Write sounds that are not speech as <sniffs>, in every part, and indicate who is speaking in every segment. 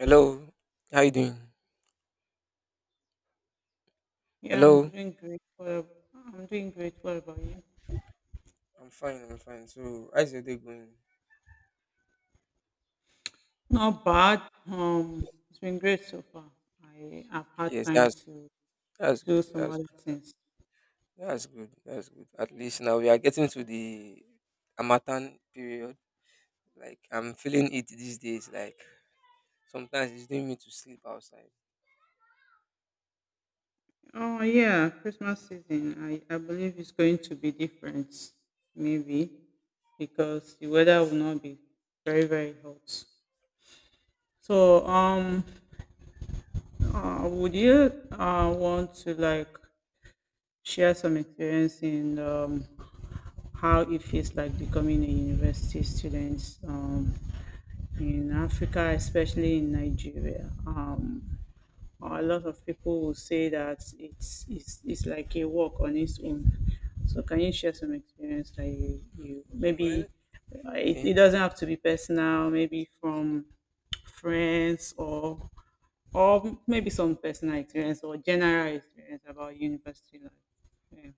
Speaker 1: Hello, how you doing?
Speaker 2: Yeah, I'm
Speaker 1: Hello.
Speaker 2: doing great. I'm doing great. What about you?
Speaker 1: I'm fine, I'm fine. So, how's your day going?
Speaker 2: Not bad. It's been great so far. I have had
Speaker 1: Yes,
Speaker 2: time
Speaker 1: that's
Speaker 2: to
Speaker 1: that's
Speaker 2: do
Speaker 1: good.
Speaker 2: some
Speaker 1: That's
Speaker 2: other things.
Speaker 1: that's good. That's good. At least now we are getting to the Amatan period. Like I'm feeling it these days. Like sometimes it's doing me to sleep outside.
Speaker 2: Oh yeah, Christmas season. I believe it's going to be different, maybe, because the weather will not be very very hot. So would you want to like share some experience in how it feels like becoming a university student in Africa, especially in Nigeria. A lot of people will say that it's like a work on its own. So can you share some experience that you maybe
Speaker 1: Well,
Speaker 2: it,
Speaker 1: okay,
Speaker 2: it doesn't have to be personal, maybe from friends or maybe some personal experience or general experience about university life. Yeah.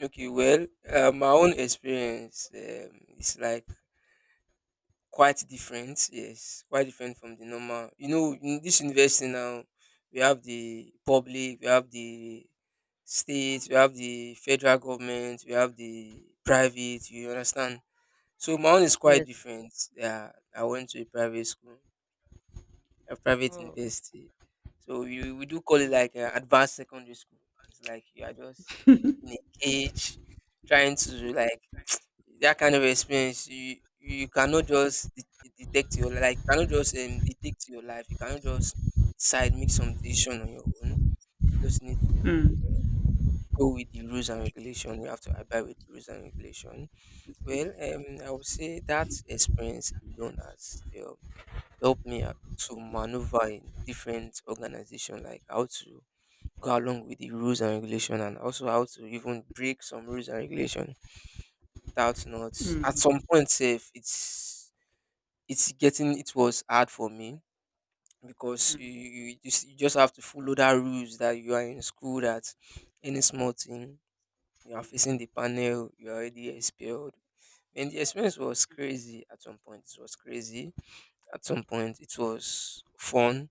Speaker 1: okay. Well, my own experience is like quite different. Yes, quite different from the normal. You know, in this university now, we have the public, we have the state, we have the federal government, we have the private. You understand? So my own is quite
Speaker 2: Yes.
Speaker 1: different. Yeah, I went to a private school, a private
Speaker 2: Oh, okay.
Speaker 1: university. So we do call it like an advanced secondary school. It's like you are just in a cage, trying to like that kind of experience you cannot just detect your like you cannot just detect your life, you cannot just decide, make some decision on your own, just need to go with the rules and regulation, you have to abide with rules and regulation. Well, I would say that experience alone has helped me to maneuver in different organization, like how to go along with the rules and regulation and also how to even break some rules and regulation without not at
Speaker 2: Mm,
Speaker 1: some point safe. It's getting, it was hard for me because you just have to follow that rules, that you are in school, that any small thing you are facing the panel, you are already expelled. And the experience was crazy at some point. It was crazy at some point. It was fun,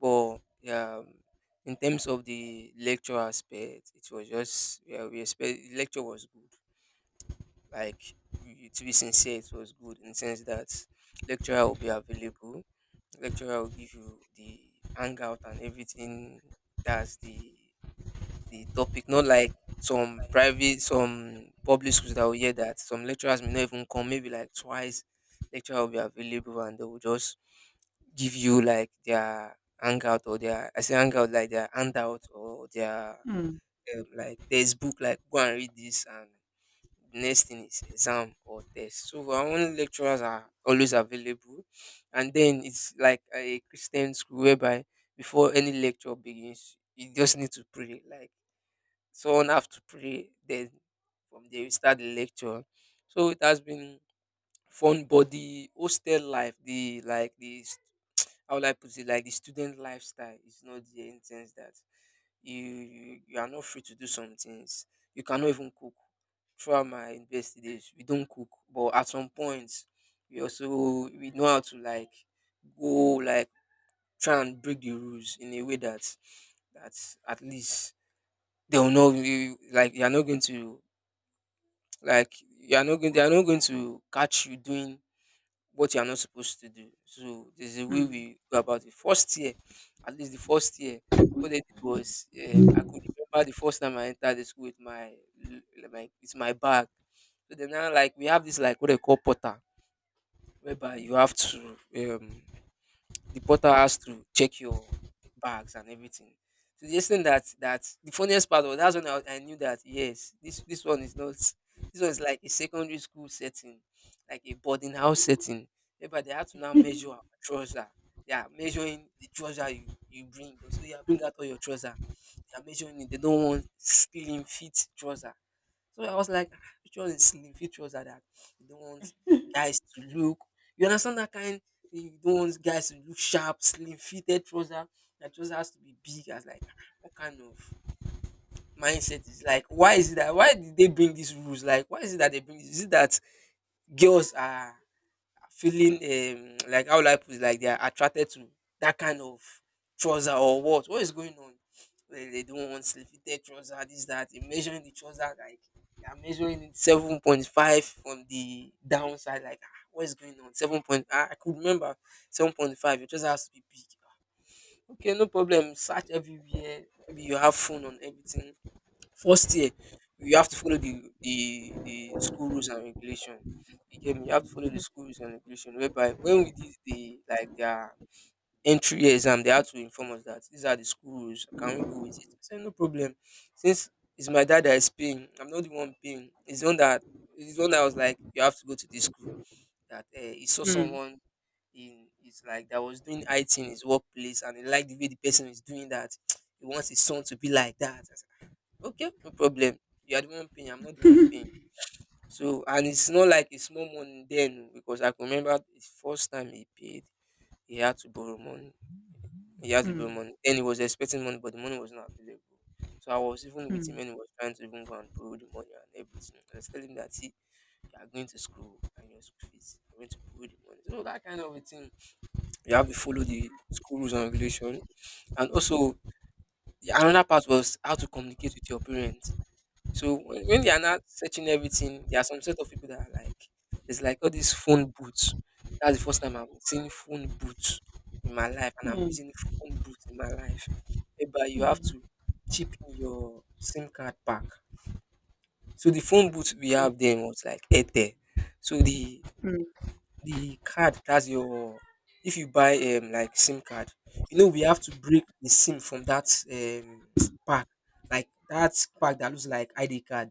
Speaker 1: but yeah, in terms of the lecture aspect, it was just, yeah, we expect the lecture was good, like to be sincere, it was good, in the sense that lecturer will be available, lecturer will give you the hangout and everything. That's the topic, not like some private, some public schools that will hear that some lecturers may not even come maybe like twice. Lecturer will be available and they will just give you like their hangout or their, I say hangout, like their handout or their
Speaker 2: mm,
Speaker 1: like textbook, like go and read this, and the next thing is exam or test. So our own lecturers are always available, and then it's like a Christian school whereby before any lecture begins, you just need to pray. Like someone have to pray, then from there we start the lecture. So it has been fun, but the hostel life, the like this, how will I put it? Like the student lifestyle is not there, in sense that you are not free to do some things. You cannot even cook. Throughout my university days, we don't cook, but at some point, we know how to like go, like try and break the rules in a way that, that at least they will know you, like you are not going to, like you are not going they are not going to catch you doing what you are not supposed to do. So there's a way
Speaker 2: mm.
Speaker 1: we go about it. First year, at least the first year, what they did was, I could remember the first time I entered the school with my with my bag. So then now, like we have this, like what they call porter, whereby you have to the porter has to check your bags and everything. So the extent that, that the funniest part was, that's when I knew that yes, this one is not, this one is like a secondary school setting, like a boarding house setting. But they had to now measure our trouser. They are measuring the trouser you bring. So you bring out all your trouser. They are measuring it. They don't want slim fit trouser. So I was like, "Ah, which is slim? Which are that you don't want guys to look?" You understand that kind? You don't want guys to look sharp, slim, fitted trouser. That trouser has to be big. I was like, "Ah, what kind of mindset is like? Why is it that? Why did they bring these rules? Like, why is it that they bring this? Is it that girls are feeling <tsk> like how will I put it, like they are attracted to that kind of trouser, or what? What is going on? They don't want sleep fitted trouser, this that." They measuring the trouser, like they are measuring it 7.5 from the downside. Like ah, what is going on? Seven point Ah, I could remember 7.5. Your trouser has to be big. Okay, no problem. Search everywhere. Maybe you have phone on everything. First year, you have to follow the school rules and regulation. You get me? You have to follow the school rules and regulation. Whereby when we did the like their entry year exam, they had to inform us that these are the school rules. Can we go with it? I said no problem. Since it's my dad that is paying, I'm not the one paying. It's the one that was like you have to go to this school. That, he saw
Speaker 2: Mm,
Speaker 1: someone in, it's like that was doing IT in his workplace and he liked the way the person is doing that. <tsk> He wants his son to be like that. Okay, no problem. You are the one paying, I'm not the one paying. So, and it's not like it's small money then, oh, because I can remember the first time he paid, he had to borrow money. He had to borrow
Speaker 2: mm,
Speaker 1: money. Then he was expecting money, but the money was not available. So I was even with him and he was trying to even go and borrow the money and everything. I was telling him that see, you are going to school and your school fees, I'm going to borrow the money. So that kind of a thing. You have to follow the school rules and regulation. And also another part was how to communicate with your parents. So when they are not searching everything, there are some sort of people that are like, it's like all these phone boots. That's the first time I'm seeing phone boots in my life, and I'm using phone boots in my life. But you have to chip in your SIM card pack. So the phone booth we have then was like Airtel. So the card, that's your, if you buy like SIM card, you know we have to break the SIM from that <tsk> pack, like that pack that looks like ID card,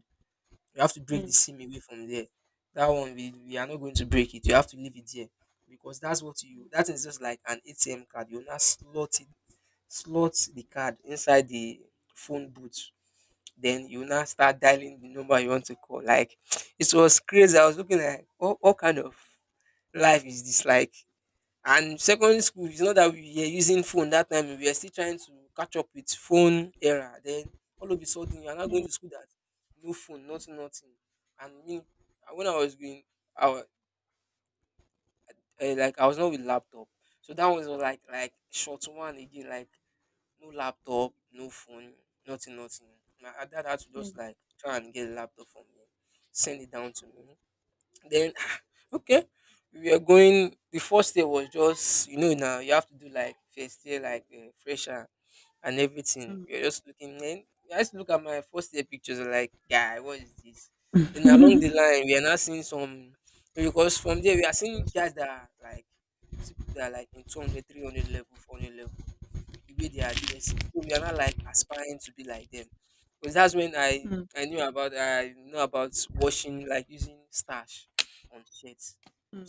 Speaker 1: you have to break
Speaker 2: mm,
Speaker 1: the seam away from there. That one we are not going to break it. You have to leave it there because that's what you, that is just like an ATM card. You will not slot the card inside the phone booth, then you now start dialing the number you want to call. Like <sniffs> <tsk> it was crazy, I was looking like, what kind of life is this? Like, and secondary school, it's not that we were using phone that time, we were still trying to catch up with phone era then, all of a sudden you're not going to school, that no phone, nothing, nothing. And me, and when I was going i was, like I was not with laptop. So that one was like short one again, like no laptop, no phone, nothing, nothing. My dad had to
Speaker 2: mm,
Speaker 1: just like try and get a laptop for me, send it down to me. Then <sighs> okay, we were going. The first day was just, you know, now you have to do like first year, like fresher and everything. We were
Speaker 2: mm,
Speaker 1: just looking. Then I used to look at my first year pictures like, guy, what is this? Then along the line we are now seeing some, because from there we are seeing guys that are like, see people that are like in 200, 300 level, 400 level, the way they are dressing. So we are not like aspiring to be like them. Because that's when I
Speaker 2: mm,
Speaker 1: I knew about, I know about washing like using starch on shirts.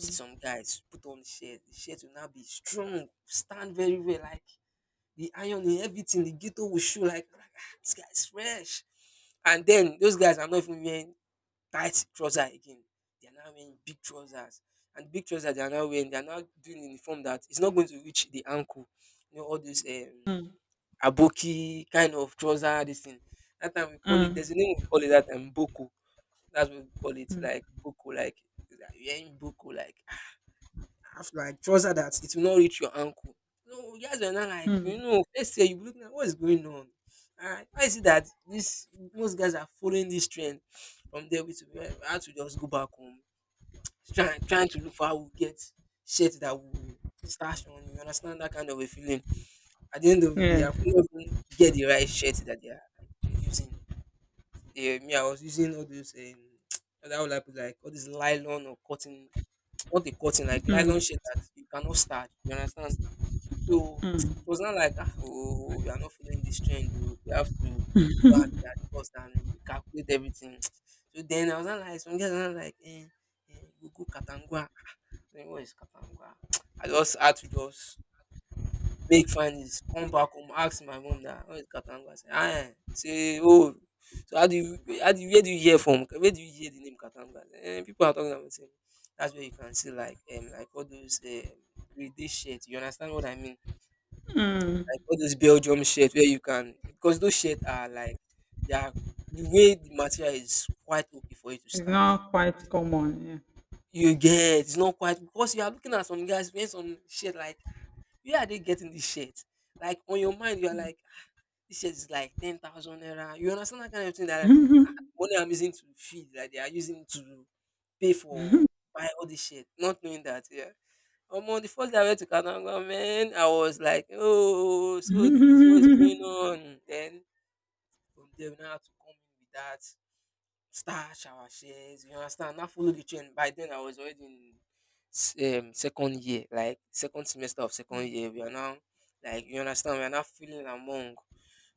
Speaker 1: See some guys put on shirt, the shirt will now be strong, stand very well, like the iron in everything, the ghetto will show like ah, this guy is fresh. And then those guys are not even wearing tight trousers again. They are now wearing big trousers. And big trousers they are now wearing, they are now doing uniform that is not going to reach the ankle. You know, all these Aboki kind of trouser this thing. That time we call it,
Speaker 2: mm,
Speaker 1: there's a name we call it that time, boko. Dat's what we call it,
Speaker 2: mm,
Speaker 1: like boko, like you wearing boko like <sighs> half like trouser that it will not reach your ankle. No, you guys are now like, you
Speaker 2: mm.
Speaker 1: know, first year you be looking at what is going on? And why is it dat most guys are following this trend? From there we had to just go back home. Trying to look for how we get shirts that we stash on, you understand that kind of a feeling. At the end of the day I could
Speaker 2: Yes.
Speaker 1: not even get the right shirt that they are using. Yeah, me, I was using all those <tsk> that would like put like all this nylon or cotton, <tsk> not the cotton, like nylon shit that you cannot starch. You understand? So <tsk> it was not like, ah, oh, we are not following this trend. Oh, we have to go and adjust and calculate everything. <tsk> So then I was not like some guys are not like, eh, go Katangwa. <tsk> Then what is Katangwa? <tsk> I just had to just make findings, come back home, ask my mom that where is Katangu? I say, ah, say, oh, so how do you, where do you hear from? Where do you hear the name Katangu? And people are talking about saying that's where you can see like, like all those grade shirts. You understand what I mean?
Speaker 2: Mm.
Speaker 1: Like all those Belgium shirts where you can, because those shirts are like, they are, the way the material is quite okay for you to
Speaker 2: It's
Speaker 1: starch.
Speaker 2: not quite common.
Speaker 1: You get, it's not quite, because you are looking at some guys wearing some shirt like, where are they getting this shirt? Like on your mind, you are like, "Ah, this shirt is like 10,000 naira." You understand that kind of thing that like,
Speaker 2: Yeah.
Speaker 1: ah,
Speaker 2: <laughs>
Speaker 1: money I'm using to feed, like they are using to pay
Speaker 2: Mm,
Speaker 1: for buy all this shit, not knowing that, yeah. On the first day I went to Kananga, man, I was like, oh, so this is what is
Speaker 2: mm,
Speaker 1: going on. Then from there, we now have to come in with that. Stash our shares, you understand? I follow the trend. By then, I was already in second year, like second semester of second year. We are now, like, you understand, we are now feeling among.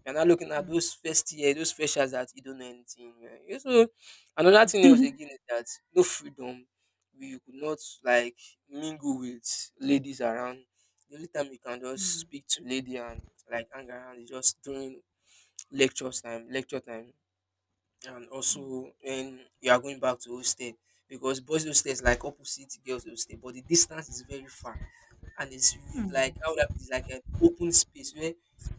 Speaker 1: We are now looking at those first year, those freshers that you don't know anything. Yeah. You So, another thing else again is that no freedom. We could not, like, mingle with ladies around. The only time you can just
Speaker 2: mm,
Speaker 1: speak to lady and, like, hang around is just during lectures time, lecture time, and also when you are going back to hostel, because boys hostel is like opposite girls hostel, but the distance is very far, and it's like, how would I put it, like an open space where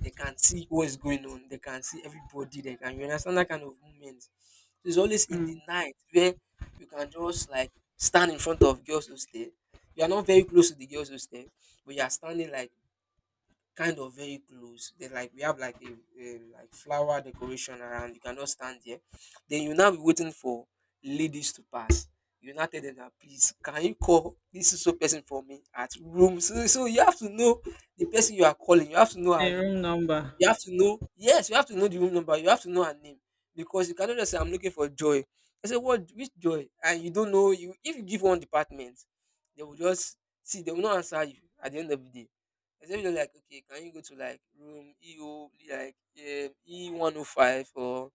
Speaker 1: they can see what is going on, they can see everybody, they can, you understand that kind of movement. So it's always in the
Speaker 2: mm.
Speaker 1: night where you can just like stand in front of girls hostel. You are not very close to the girls hostel, but you are standing like kind of very close. Then like we have like a like flower decoration around. You cannot stand there. Then you now be waiting for ladies to pass. You now tell them that please can you call this is so person for me at room. So you have to know the person you are calling. You have to know
Speaker 2: The
Speaker 1: her room.
Speaker 2: room number.
Speaker 1: You have to know, yes, you have to know the room number, you have to know her name, because you cannot just say, "I'm looking for Joy." I say, "What? Which Joy?" And you don't know. You if you give one department, they will just see. They will not answer you at the end of the day. They say, like, okay, can you go to like room EO, like, E 105, or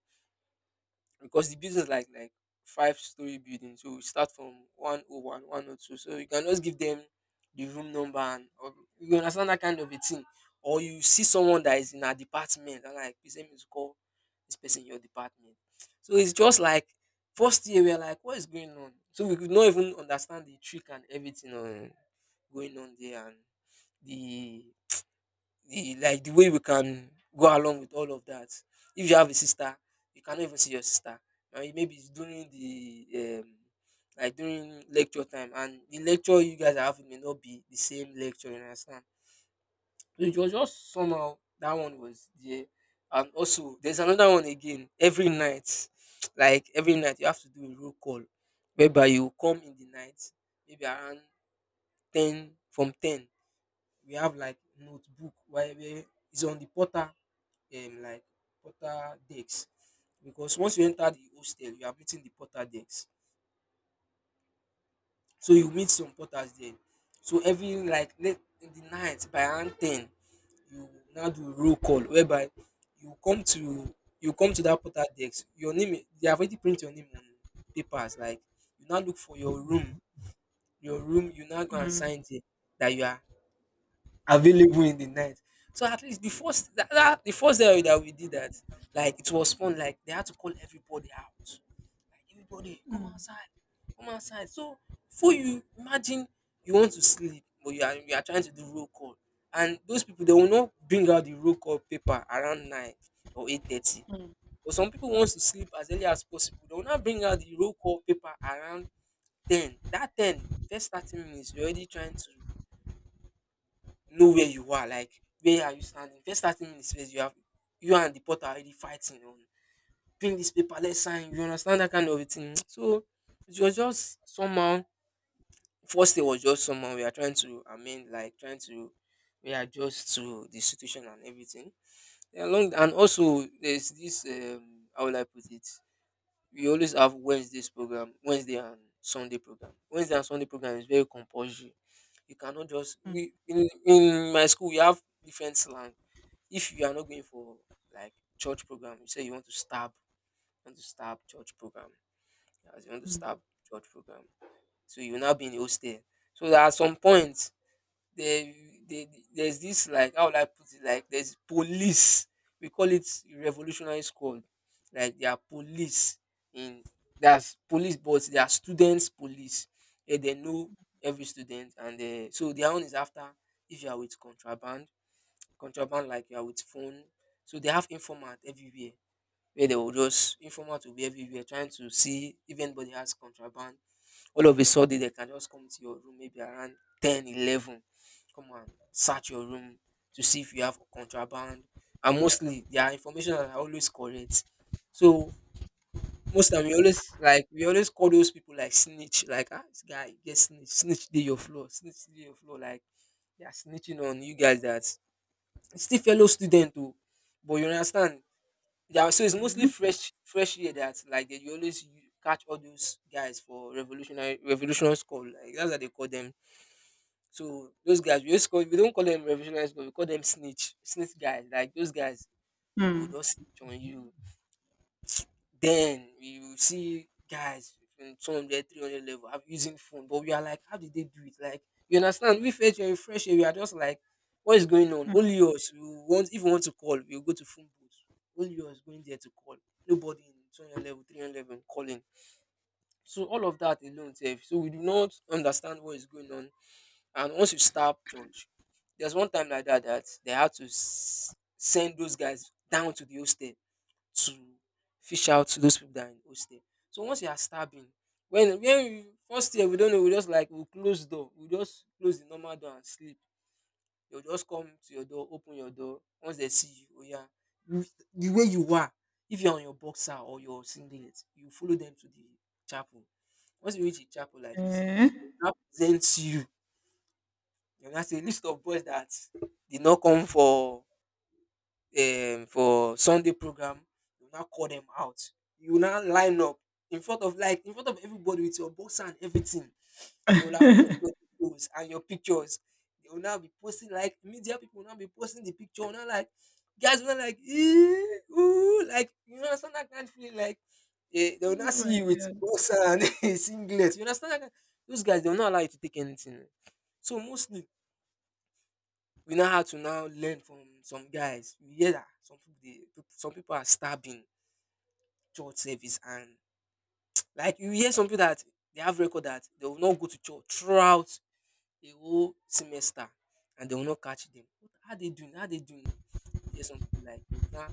Speaker 1: because the building is like five-story building, so we start from 101 102, so you can just give them the room number, and or, you understand that kind of a thing, or you see someone that is in a department and like, please let me to call this person in your department. So it's just like first year we're like, what is going on? So we could not even understand the trick and everything on going on there, and the like the way we can go along with all of that. If you have a sister, you cannot even see your sister. Now maybe it's during the um, like during lecture time, and the lecture you guys are having may not be the same lecture. You understand? So it was just somehow, that one was there, and also there's another one again every night. <tsk> Like every night you have to do a roll call, whereby you come in the night, maybe around ten, from ten. We have like notebook where it's on the portal, like porter decks, because once you enter the hostel you are meeting the porter decks, so you meet some porters there. So every like late in the night by around ten, you now do roll call, whereby you come to, that porter desk, your name, they have already print your name on papers like, you now look for your room, you now go and
Speaker 2: Mm,
Speaker 1: sign there that you are available in the night. So at least the first that, that the first day that we did that, like it was fun. Like they had to call everybody out. Like, everybody, come outside, come outside. So for you, imagine you want to sleep, but you are trying to do roll call, and those people they will not bring out the roll call paper around 9 or 8:30. But some people wants to sleep as early as possible. They will not bring out the roll call paper around ten. That ten first 30 minutes, you're already trying to know where you are, like where are you standing. First 30 minutes first, you have you and the porter already fighting on, bring this paper let's sign, you understand that kind of a thing. <tsk> So it was just somehow, first day was just somehow, we are trying to amend, like trying to readjust to the situation and everything. Then along, and also there's this how will I put it, we always have Wednesdays program, Wednesday and Sunday program. Wednesday and Sunday program is very compulsory. You cannot just, we in, my school we have different slang. If you are not going for like church program, you say you want to stab, church program. As you want to
Speaker 2: mm,
Speaker 1: stab church program, so you will now be in hostel. So at some point there, there there's this, like, how would I put it, like there's police, we call it revolutionary squad, like they are police in, that's police, but they are students police. Eh, they know every student, and so their own is after, if you are with contraband, like you are with phone. So they have informant everywhere, where they will just, informant will be everywhere trying to see if anybody has contraband. All of a sudden they can just come to your room maybe around 10, 11. Come and search your room to see if you have contraband, and mostly their information are always correct. So most time we always, like, we always call those people like snitch, like, ah, this guy get snitch, snitch dey your floor, snitch dey your floor, like they are snitching on you guys, that it's still fellow student too, but you understand, yeah. So it's mostly
Speaker 2: mm,
Speaker 1: fresh fresh year that like they, you always catch all those guys for revolutionary call. Like that's what they call them. So those guys we don't call them revolutionary call, we call them snitch. Snitch guys. Like those guys, they will
Speaker 2: mm.
Speaker 1: just snitch on you. Then you will see guys from two hundred three hundred level have using phone, but we are like, how did they do it? Like, you understand? We felt you fresh here, we are just like, what is going on? Only us. We want if we want to call, we'll go to phone booth. Only us going there to call. Nobody in 200 level, 300 level calling. So all of that alone, sef. So we do not understand what is going on. And once you start church, there's one time like that that they had to send those guys down to the hostel to fish out those people that are in hostel. So once you are stabbing, when we first year we don't know, we just like we close door, we just close the normal door and sleep. They'll just come to your door, open your door. Once they see you, oh yeah, you- the way you are, if you're on your boxer or your singlet, you follow them to the chapel. Once you reach the chapel like this,
Speaker 2: Eh?
Speaker 1: now presents you. You now say list of boys that did not come for Sunday program, you now call them out. You now line up in front of like in front of everybody with your boxer and everything. They will have collected
Speaker 2: <laughs>
Speaker 1: your videos and your pictures. They will now be posting like media people will now be posting the picture. Now like guys will now like "Eh, ooh, like you know understand that kind of feeling like eh, they will
Speaker 2: Oh
Speaker 1: not see
Speaker 2: my
Speaker 1: you with
Speaker 2: God.
Speaker 1: boxer and <laughs> singlet. You understand that kind? Those guys they will not allow you to take anything. So mostly we now had to now learn from some guys. You hear that some people they, some people are stabbing church service and <tsk> like you hear some people that they have record that they will not go to church throughout the whole semester and they will not catch them. What are they doing? How they doing? You hear some people like you now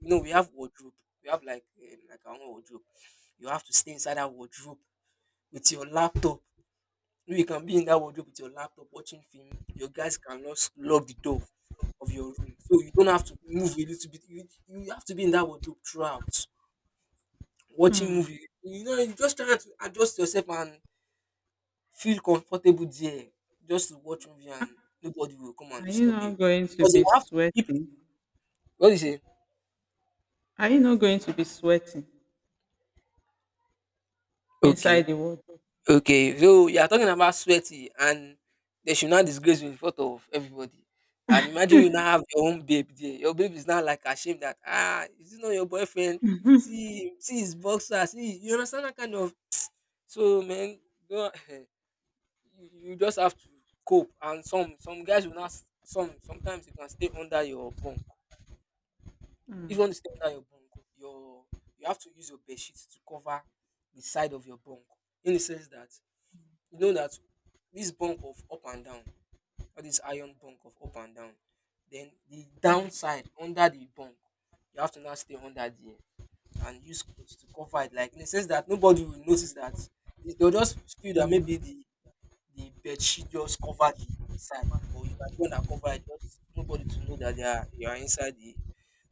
Speaker 1: you know we have wardrobe. We have like our own wardrobe. You have to stay inside that wardrobe with your laptop. You know, you can be in that wardrobe with your laptop watching film. Your guys cannot lock the door of your room. So you don't have to move a little bit. You have to be in that wardrobe throughout, watching
Speaker 2: Mm.
Speaker 1: movie. You know, you just trying to adjust yourself and feel comfortable there, just to watch movie and nobody will come and
Speaker 2: Are you
Speaker 1: disturb you
Speaker 2: not going to
Speaker 1: because
Speaker 2: be
Speaker 1: you have to keep.
Speaker 2: sweating?
Speaker 1: What do you say?
Speaker 2: Are you not going to be sweating inside
Speaker 1: Okay,
Speaker 2: the wardrobe?
Speaker 1: okay. So you are talking about sweaty, and they should not disgrace you in front of everybody. And imagine you now have your own babe there. Your babe is now like ashamed that ah, is this not your boyfriend? See, see his boxer. See, you understand that kind of. So man, don't <laughs> you just have to cope. And some guys will not sometimes you can stay under your bunk. If you
Speaker 2: Mm.
Speaker 1: want to stay under your bunk, your you have to use your bed sheet to cover the side of your bunk. In the sense that you know that this bunk of up and down, or this iron bunk of up and down, then the downside under the bunk, you have to now stay under there and use clothes to cover it. Like in the sense that nobody will notice that they'll just feel that maybe the bedsheet just cover the side, but you are the one that cover it, just nobody to know that they are you are inside the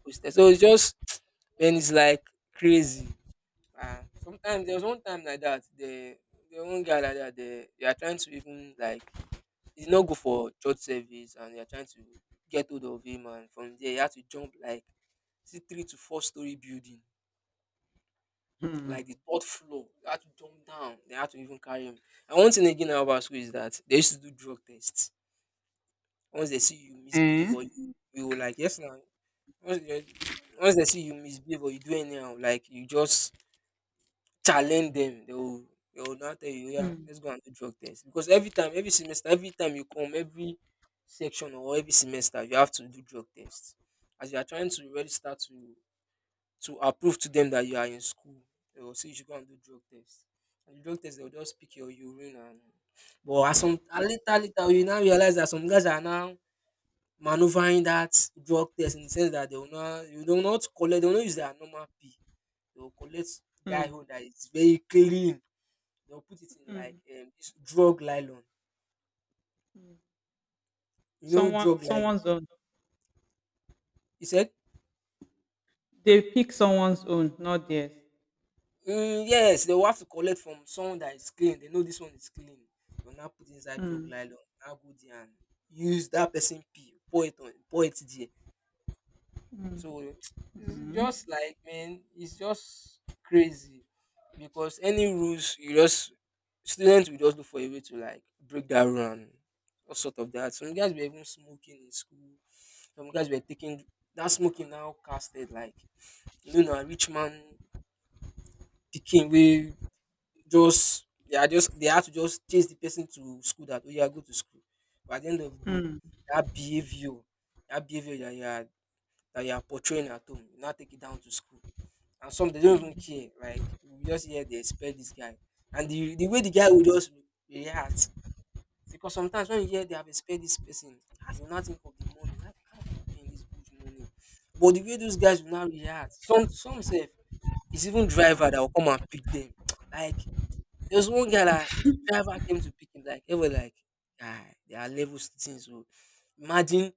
Speaker 1: hostel. So it's just <tsk> man, it's like crazy. And sometimes there was one time like that, the one guy like that, they are trying to even like he did not go for church service and they are trying to get hold of him and from there he had to jump like see 3 to 4 story building
Speaker 2: Mm.
Speaker 1: like the third floor they had to jump down they had to even carry him and one thing again about school is that they used to do drug tests. Once they see you
Speaker 2: Eh?
Speaker 1: misbehave or you will like yes now. Once they, once they see you misbehave or you do anyhow, like you just challenge them. They will now tell you, yeah,
Speaker 2: Mm.
Speaker 1: let's go and do drug test. Because every time, every semester, every time you come, every section or every semester, you have to do drug tests. As you are trying to register to approve to them that you are in school, they will say you should go and do drug tests. And the drug test, they will just pick your urine and but at some at later later you now realize that some guys are now maneuvering that drug test in the sense that they will not you do not collect they will not use their normal pee they will collect guy
Speaker 2: Mm.
Speaker 1: own that is very clean they will put it in like this drug nylon you know
Speaker 2: Someone,
Speaker 1: drug nylon
Speaker 2: someone's on.
Speaker 1: he said
Speaker 2: They pick someone's own, not theirs.
Speaker 1: mm, yes they will have to collect from someone that is clean they know this one is clean they will now put inside drug
Speaker 2: Mm,
Speaker 1: nylon now go there and use that person pee pour it on pour it there. So it's just like man, it's just crazy because any rules you just students will just look for a way to like break that rule and all sort of that. Some guys were even smoking in school. Some guys were taking that smoking now casted like you know, a rich man picking we just they are just they had to just chase the person to school that oh yeah go to school. But at the end of the day, that behavior, that behavior that you are portraying at home, you now take it down to school and some they don't even care. Like you just hear they expect this guy, and the way the guy will just react because sometimes when you hear they have expect this person, ah, you not think of the money. Like how you are paying this huge money, but the way those guys will now react, some say it's even driver that will come and pick them. <tsk> Like there's one guy that driver came to pick him. Like ever like, ah, there are levels to things. So imagine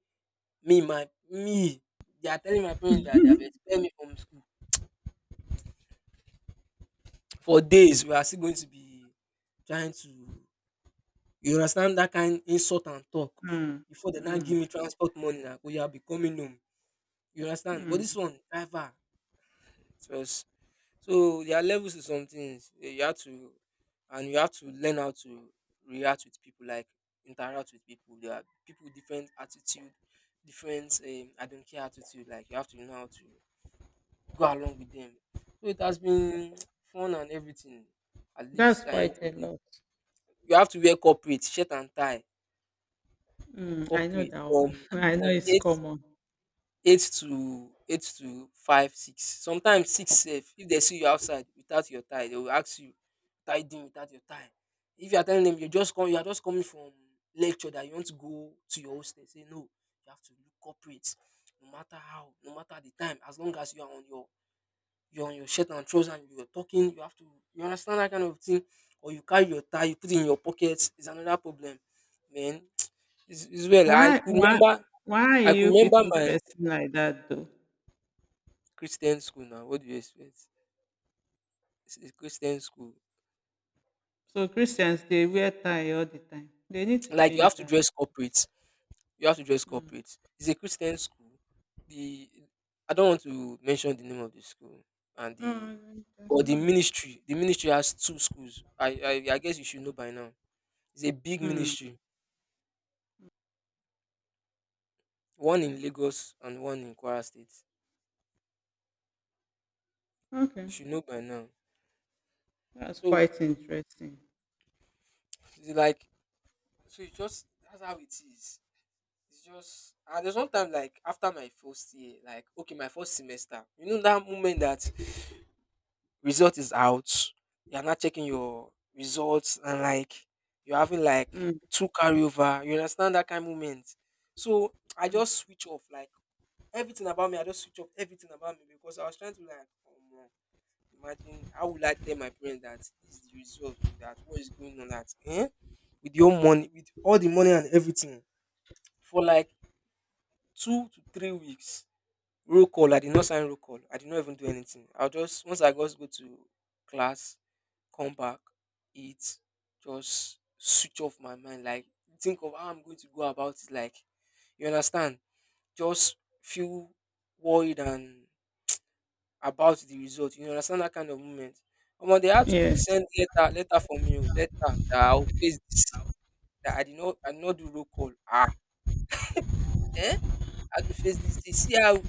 Speaker 1: me, my me. They are telling my parents that they have expelled me from school for days we are still going to be trying to you understand that kind insult and talk before they now give me transport money na oya are becoming home you understand but this one driver it was so there are levels to some things eh, you have to and you have to learn how to react with people like interact with people there are people with different attitude different I don't care attitude like you have to know how to go along with them so it has been <tsk> fun and everything at
Speaker 2: that's
Speaker 1: least I
Speaker 2: quite a
Speaker 1: enjoyed it.
Speaker 2: lot.
Speaker 1: You have to wear corporate, shirt and tie,
Speaker 2: I know
Speaker 1: corporate
Speaker 2: that
Speaker 1: from
Speaker 2: one. <laughs> I know
Speaker 1: from
Speaker 2: it's
Speaker 1: eight
Speaker 2: common.
Speaker 1: eight to eight to five, six, sometimes six sef. If they see you outside without your tie, they will ask you "Tied in without your tie”. If you are telling them you just come you are just coming from lecture that you want to go to your hostel, say “no, you have to look corporate no matter how, no matter the time, as long as you are on your you are on your shirt and trouser and you are talking, you have to” you understand that kind of thing? Or you carry your tie, you put it in your pocket, is another problem, man. It's well.
Speaker 2: Why, why, why are
Speaker 1: I could
Speaker 2: you
Speaker 1: remember
Speaker 2: people
Speaker 1: my
Speaker 2: dressing like that though?
Speaker 1: Christian school now. What do you expect? It's a Christian school. <tsk>
Speaker 2: So Christians they wear tie all the time. They need to
Speaker 1: Like you
Speaker 2: change
Speaker 1: have to
Speaker 2: that.
Speaker 1: dress corporate. You have to dress corporate. It's a Christian school. The I don't want to mention the name of the school and
Speaker 2: Oh,
Speaker 1: the
Speaker 2: that's
Speaker 1: or the
Speaker 2: not it.
Speaker 1: ministry. The ministry has two schools. I guess you should know by now. It's a big
Speaker 2: Mm,
Speaker 1: ministry. One in Lagos and one in Kwara State. You
Speaker 2: okay,
Speaker 1: should know by now.
Speaker 2: that's
Speaker 1: So
Speaker 2: quite interesting.
Speaker 1: it's like so it's just that's how it is. It's just and there's one time like after my first year, like okay, my first semester. You know that moment that result is out, you're not checking your results and like you're having like
Speaker 2: Mm,
Speaker 1: two carryover. You understand that kind of moment. So I
Speaker 2: mm,
Speaker 1: just switch off like everything about me. I just switch off everything about me because I was trying to like imagine how would I tell my parents that this is the result to that what is going on that eh? With your money with all the money and everything for like 2 to 3 weeks. Roll call, I did not sign roll call. I did not even do anything. I'll just once I just go to class, come back, eat, just switch off my mind. Like think of how I'm going to go about it. Like you understand? Just feel worried and about the result. You understand that kind of moment. Omo, they had to
Speaker 2: yes.
Speaker 1: send letter, letter from you, letter that I'll face this. That I did not do roll call. Ah, eh? I had to face this. See how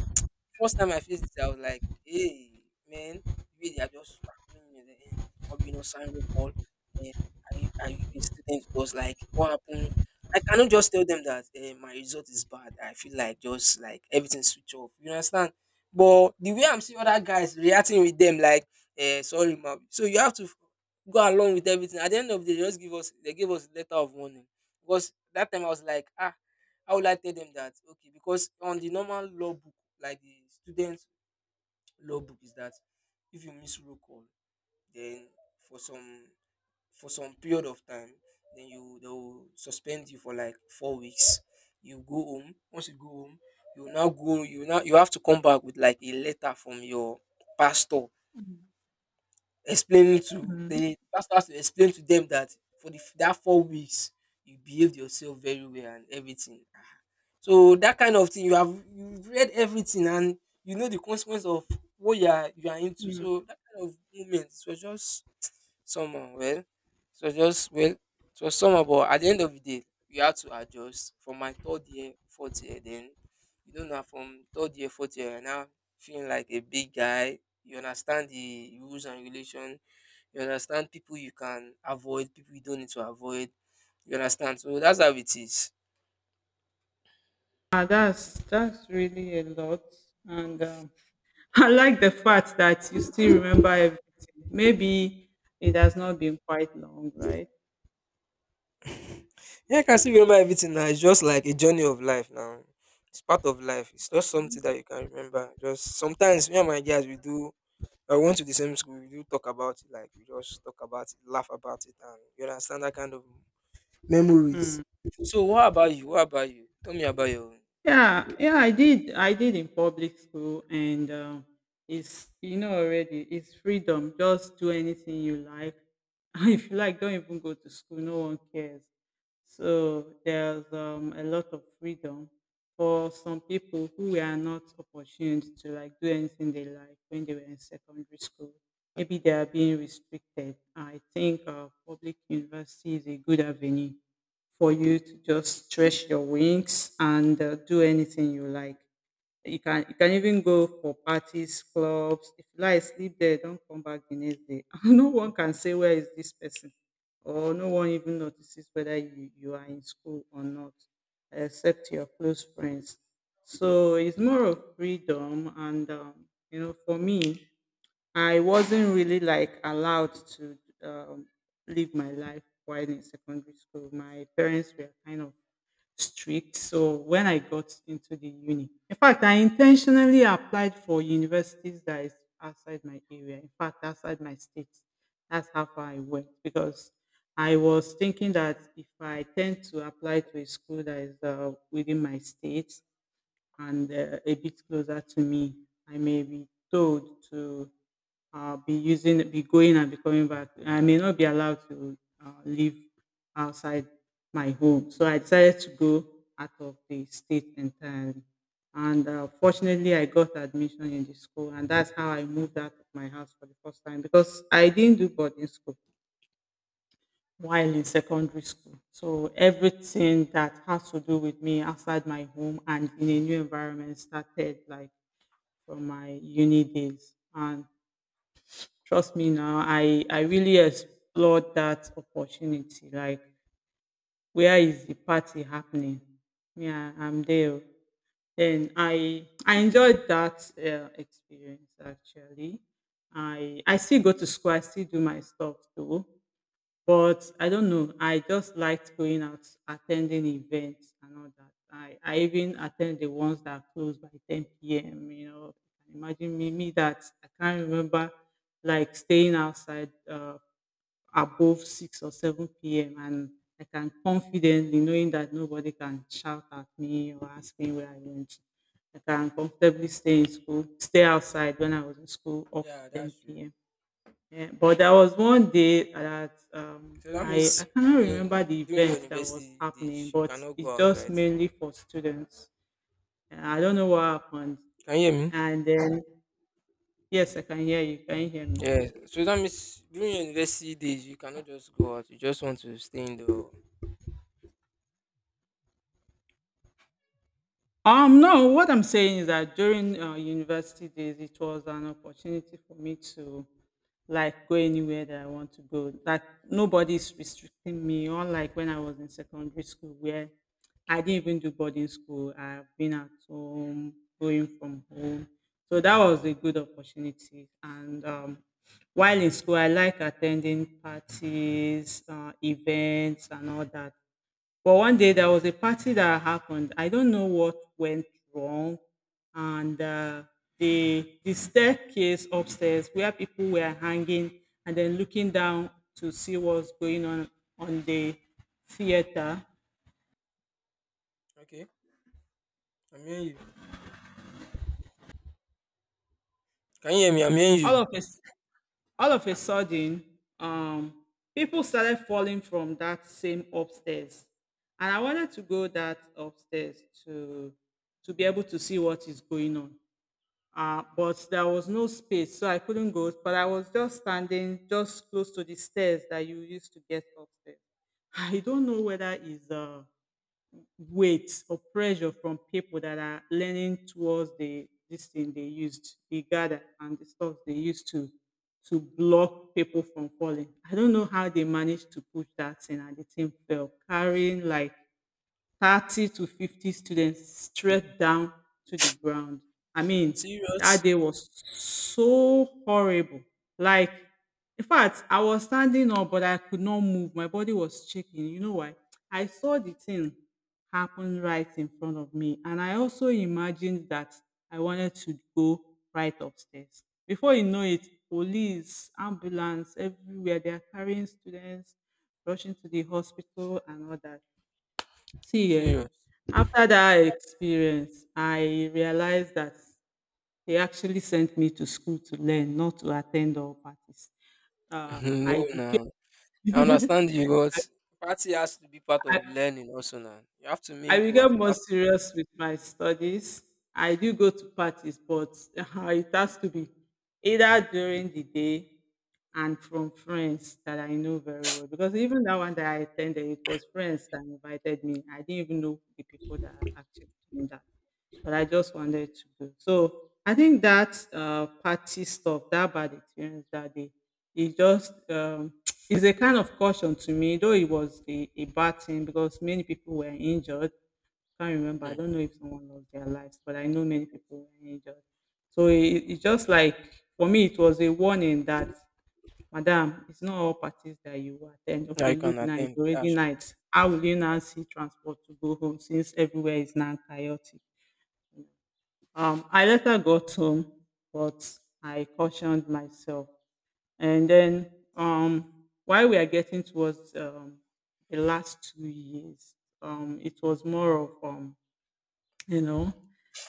Speaker 1: first time I faced this, I was like, hey, man, the way they are just tackling you, eh, or you know, sign will call. Eh, are you a student? It was like, what happened? I cannot just tell them that my result is bad. I feel like just like everything switch off. You understand? But the way I'm seeing other guys reacting with them, like, eh, sorry, ma'am. So you have to go along with everything. At the end of the day, they gave us letter of warning. Because that time I was like, ah, how will I tell them that? Okay, because on the normal law book, like the student law book, is that if you miss roll call, then for some for some period of time, then you they will suspend you for like 4 weeks. You go home. Once you go home, you will now go. You will now you have to come back with like a letter from your pastor. Explaining to
Speaker 2: Mm,
Speaker 1: the pastor has to explain to them that that 4 weeks you behaved yourself very well and everything. Ah, so that kind of thing you have you've read everything and you know the consequence of what you are into.
Speaker 2: mm.
Speaker 1: So that kind of moment it was just somehow. Well, it was somehow, but at the end of the day we had to adjust. From my third year, fourth year, then you don't know now, from third year, fourth year, I now feeling like a big guy. You understand the rules and regulation. You understand? People you can avoid, people you don't need to avoid. You understand? So that's how it is.
Speaker 2: Ah, that's really a lot, and <laughs> I like the fact that you still remember everything. Maybe it has not been quite long, right?
Speaker 1: Yeah, I can still remember everything now. It's just like a journey of life now. It's part of life. It's not something that you can remember. Just sometimes me and my guys we do, I went to the same school, we do talk about it, like we just talk about it, laugh about it, and you understand that kind of memories. So what about you? Tell me about your own.
Speaker 2: Yeah, yeah, I did in public school, and it's already it's freedom. Just do anything you like. <laughs> If you like, don't even go to school. No one cares. So there's a lot of freedom for some people who were not opportuned to like do anything they like when they were in secondary school. Maybe they are being restricted. I think public university is a good avenue for you to just stretch your wings and do anything you like. You can even go for parties, clubs. If you like sleep there, don't come back the next day. <laughs> No one can say where is this person, or no one even notices whether you are in school or not, except your close friends. So it's more of freedom, and for me, I wasn't really like allowed to um, live my life while in secondary school. My parents were kind of strict. So when I got into the uni, in fact, I intentionally applied for universities that is outside my area. In fact, outside my state. That's how far I went because I was thinking that if I tend to apply to a school that is within my state, and a bit closer to me, I may be told to be going and be coming back. I may not be allowed to live outside my home. So I decided to go out of the state entirely. And fortunately, I got admission in the school, and that's how I moved out of my house for the first time because I didn't do boarding school while in secondary school. So everything that has to do with me outside my home and in a new environment started like from my uni days. And trust me now, I really explored that opportunity. Like, where is the party happening? Yeah, I'm there. Then I enjoyed that experience actually. I still go to school. I still do my stuff too. But I don't know. I just liked going out, attending events and all that. I even attend the ones that close by 10 p.m. You know, imagine me that I can't remember like staying outside above 6 or 7 p.m. And I can confidently, knowing that nobody can shout at me or ask me where I went. I can comfortably stay in school, stay outside when I was in school up to
Speaker 1: Yeah, that's
Speaker 2: 10
Speaker 1: true.
Speaker 2: p.m. Yeah, but there was one day that
Speaker 1: So that
Speaker 2: I
Speaker 1: means
Speaker 2: cannot remember
Speaker 1: in
Speaker 2: the
Speaker 1: during your
Speaker 2: event that was
Speaker 1: university
Speaker 2: happening,
Speaker 1: days you
Speaker 2: but
Speaker 1: cannot
Speaker 2: it's
Speaker 1: go out,
Speaker 2: just
Speaker 1: right?
Speaker 2: mainly for students. And I don't know what happened.
Speaker 1: Can you hear me?
Speaker 2: And then yes, I can hear you. Can you hear me?
Speaker 1: Yeah, so that means during your university days, you cannot just go out. You just want to stay in the.
Speaker 2: No, what I'm saying is that during university days, it was an opportunity for me to like go anywhere that I want to go. That nobody's restricting me, unlike when I was in secondary school, where I didn't even do boarding school. I've been at home, going from home. So that was a good opportunity. And while in school, I like attending parties, events, and all that. But one day there was a party that happened. I don't know what went wrong. And the staircase upstairs where people were hanging and then looking down to see what's going on the theater.
Speaker 1: Okay, I'm hearing you. Can you hear me? I'm hearing
Speaker 2: All
Speaker 1: you.
Speaker 2: of a, s- all of a sudden, um, people started falling from that same upstairs. And I wanted to go that upstairs to be able to see what is going on. But there was no space, so I couldn't go. But I was just standing just close to the stairs that you used to get upstairs. <laughs> I don't know whether it's weight or pressure from people that are leaning towards the this thing they used, the gather and the stuff they used to block people from falling. I don't know how they managed to push that thing and the thing fell, carrying like 30 to 50 students straight down to the ground. I mean, that
Speaker 1: Serious?
Speaker 2: day was so horrible. Like, in fact, I was standing up, but I could not move. My body was shaking. You know why? I saw the thing happen right in front of me. And I also imagined that I wanted to go right upstairs. Before you know it, police, ambulance, everywhere, they are carrying students, rushing to the hospital and all that. See, eh,
Speaker 1: Serious.
Speaker 2: after that experience, I realized that they actually sent me to school to learn, not to attend all parties.
Speaker 1: <laughs> No,
Speaker 2: I
Speaker 1: nah.
Speaker 2: became
Speaker 1: I
Speaker 2: <laughs>
Speaker 1: understand you, but
Speaker 2: I,
Speaker 1: party has to be part
Speaker 2: I,
Speaker 1: of learning also now. You have to
Speaker 2: I
Speaker 1: mingle
Speaker 2: became
Speaker 1: and you
Speaker 2: more
Speaker 1: have
Speaker 2: serious with my studies. I do go to parties, but <laughs> it has to be either during the day and from friends that I know very well. Because even that one that I attended, it was friends that invited me. I didn't even know the people that actually doing that. But I just wanted to do. So I think that party stuff, that bad experience that day, it just <tsk> is a kind of caution to me, though it was a bad thing because many people were injured. Can't remember.
Speaker 1: to.
Speaker 2: I
Speaker 1: Hmm.
Speaker 2: don't know if someone lost their lives, but I know many people were injured. So it's just like for me, it was a warning that, Madam, it's not all parties that you will attend.
Speaker 1: Yeah,
Speaker 2: Okay,
Speaker 1: you can
Speaker 2: look now, it's
Speaker 1: attend.
Speaker 2: already
Speaker 1: That's true.
Speaker 2: night. How will you now see transport to go home since everywhere is now chaotic? I
Speaker 1: That's true.
Speaker 2: later
Speaker 1: <laughs>
Speaker 2: got home, but I cautioned myself. And then while we are getting towards the last 2 years, it was more of, you know,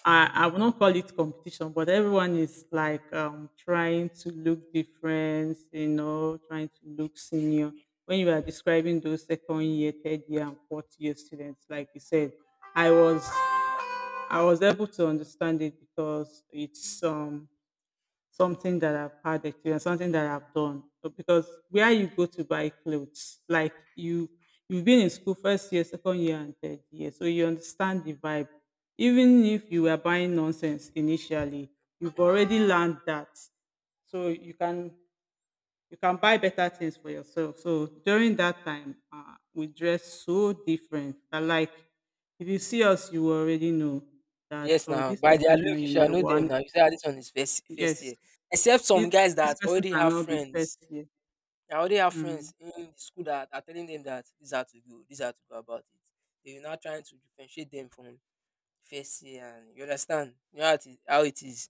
Speaker 2: I will not call it competition, but everyone is like trying to look different, trying to look senior. When you are describing those second year, third year, and fourth year students, like you said, I was I was able to understand it because it's something that I've had experience, something that I've done. So because where you go to buy clothes, like you've been in school first year, second year, and third year, so you understand the vibe. Even if you were buying nonsense initially, you've already
Speaker 1: Mhm.
Speaker 2: learned that, so you can buy better things for yourself. So during that time, we dress so different. But like, if you see us, you will already know that
Speaker 1: Yes,
Speaker 2: oh,
Speaker 1: now
Speaker 2: this
Speaker 1: by
Speaker 2: person
Speaker 1: their
Speaker 2: is not
Speaker 1: look, you
Speaker 2: in
Speaker 1: shall
Speaker 2: year
Speaker 1: know them.
Speaker 2: one.
Speaker 1: Now you say "Ah, this one is first
Speaker 2: Yes,
Speaker 1: year, except some
Speaker 2: this,
Speaker 1: guys
Speaker 2: this
Speaker 1: that
Speaker 2: person
Speaker 1: already have
Speaker 2: cannot be first
Speaker 1: friends.
Speaker 2: year.
Speaker 1: I already have
Speaker 2: Mm.
Speaker 1: friends in the school that are telling them that these are to go, these are to go about it. They're now trying to differentiate them from first year, and you understand you know how it is.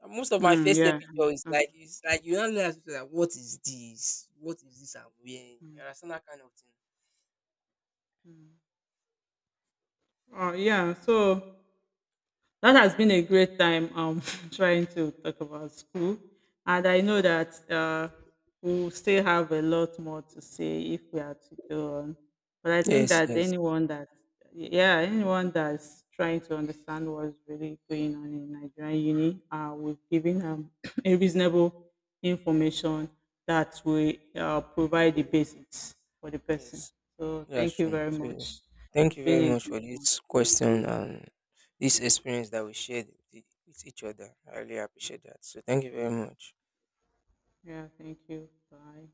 Speaker 1: And most of my
Speaker 2: Mm,
Speaker 1: first year
Speaker 2: yeah. I
Speaker 1: picture is like,
Speaker 2: understand.
Speaker 1: it's like you don't know like, what is this I'm wearing.
Speaker 2: Mm,
Speaker 1: You understand that kind of thing.
Speaker 2: mm. Oh yeah. So that has been a great time <laughs> trying to talk about school. And I know that we'll still have a lot more to say if we are to go on. But I think
Speaker 1: Yes,
Speaker 2: that
Speaker 1: yes,
Speaker 2: yeah, anyone that's trying to understand what's really going on in Nigerian uni, we've given <coughs> <clears throat> a reasonable information that will provide the basics for the person.
Speaker 1: yes.
Speaker 2: So
Speaker 1: That's
Speaker 2: thank you
Speaker 1: true.
Speaker 2: very
Speaker 1: So,
Speaker 2: much.
Speaker 1: thank
Speaker 2: It's
Speaker 1: you
Speaker 2: been
Speaker 1: very
Speaker 2: a
Speaker 1: much for
Speaker 2: great one.
Speaker 1: this question and this experience that we shared with each other. I really appreciate that. So, thank you very much.
Speaker 2: Yeah, thank you. Bye.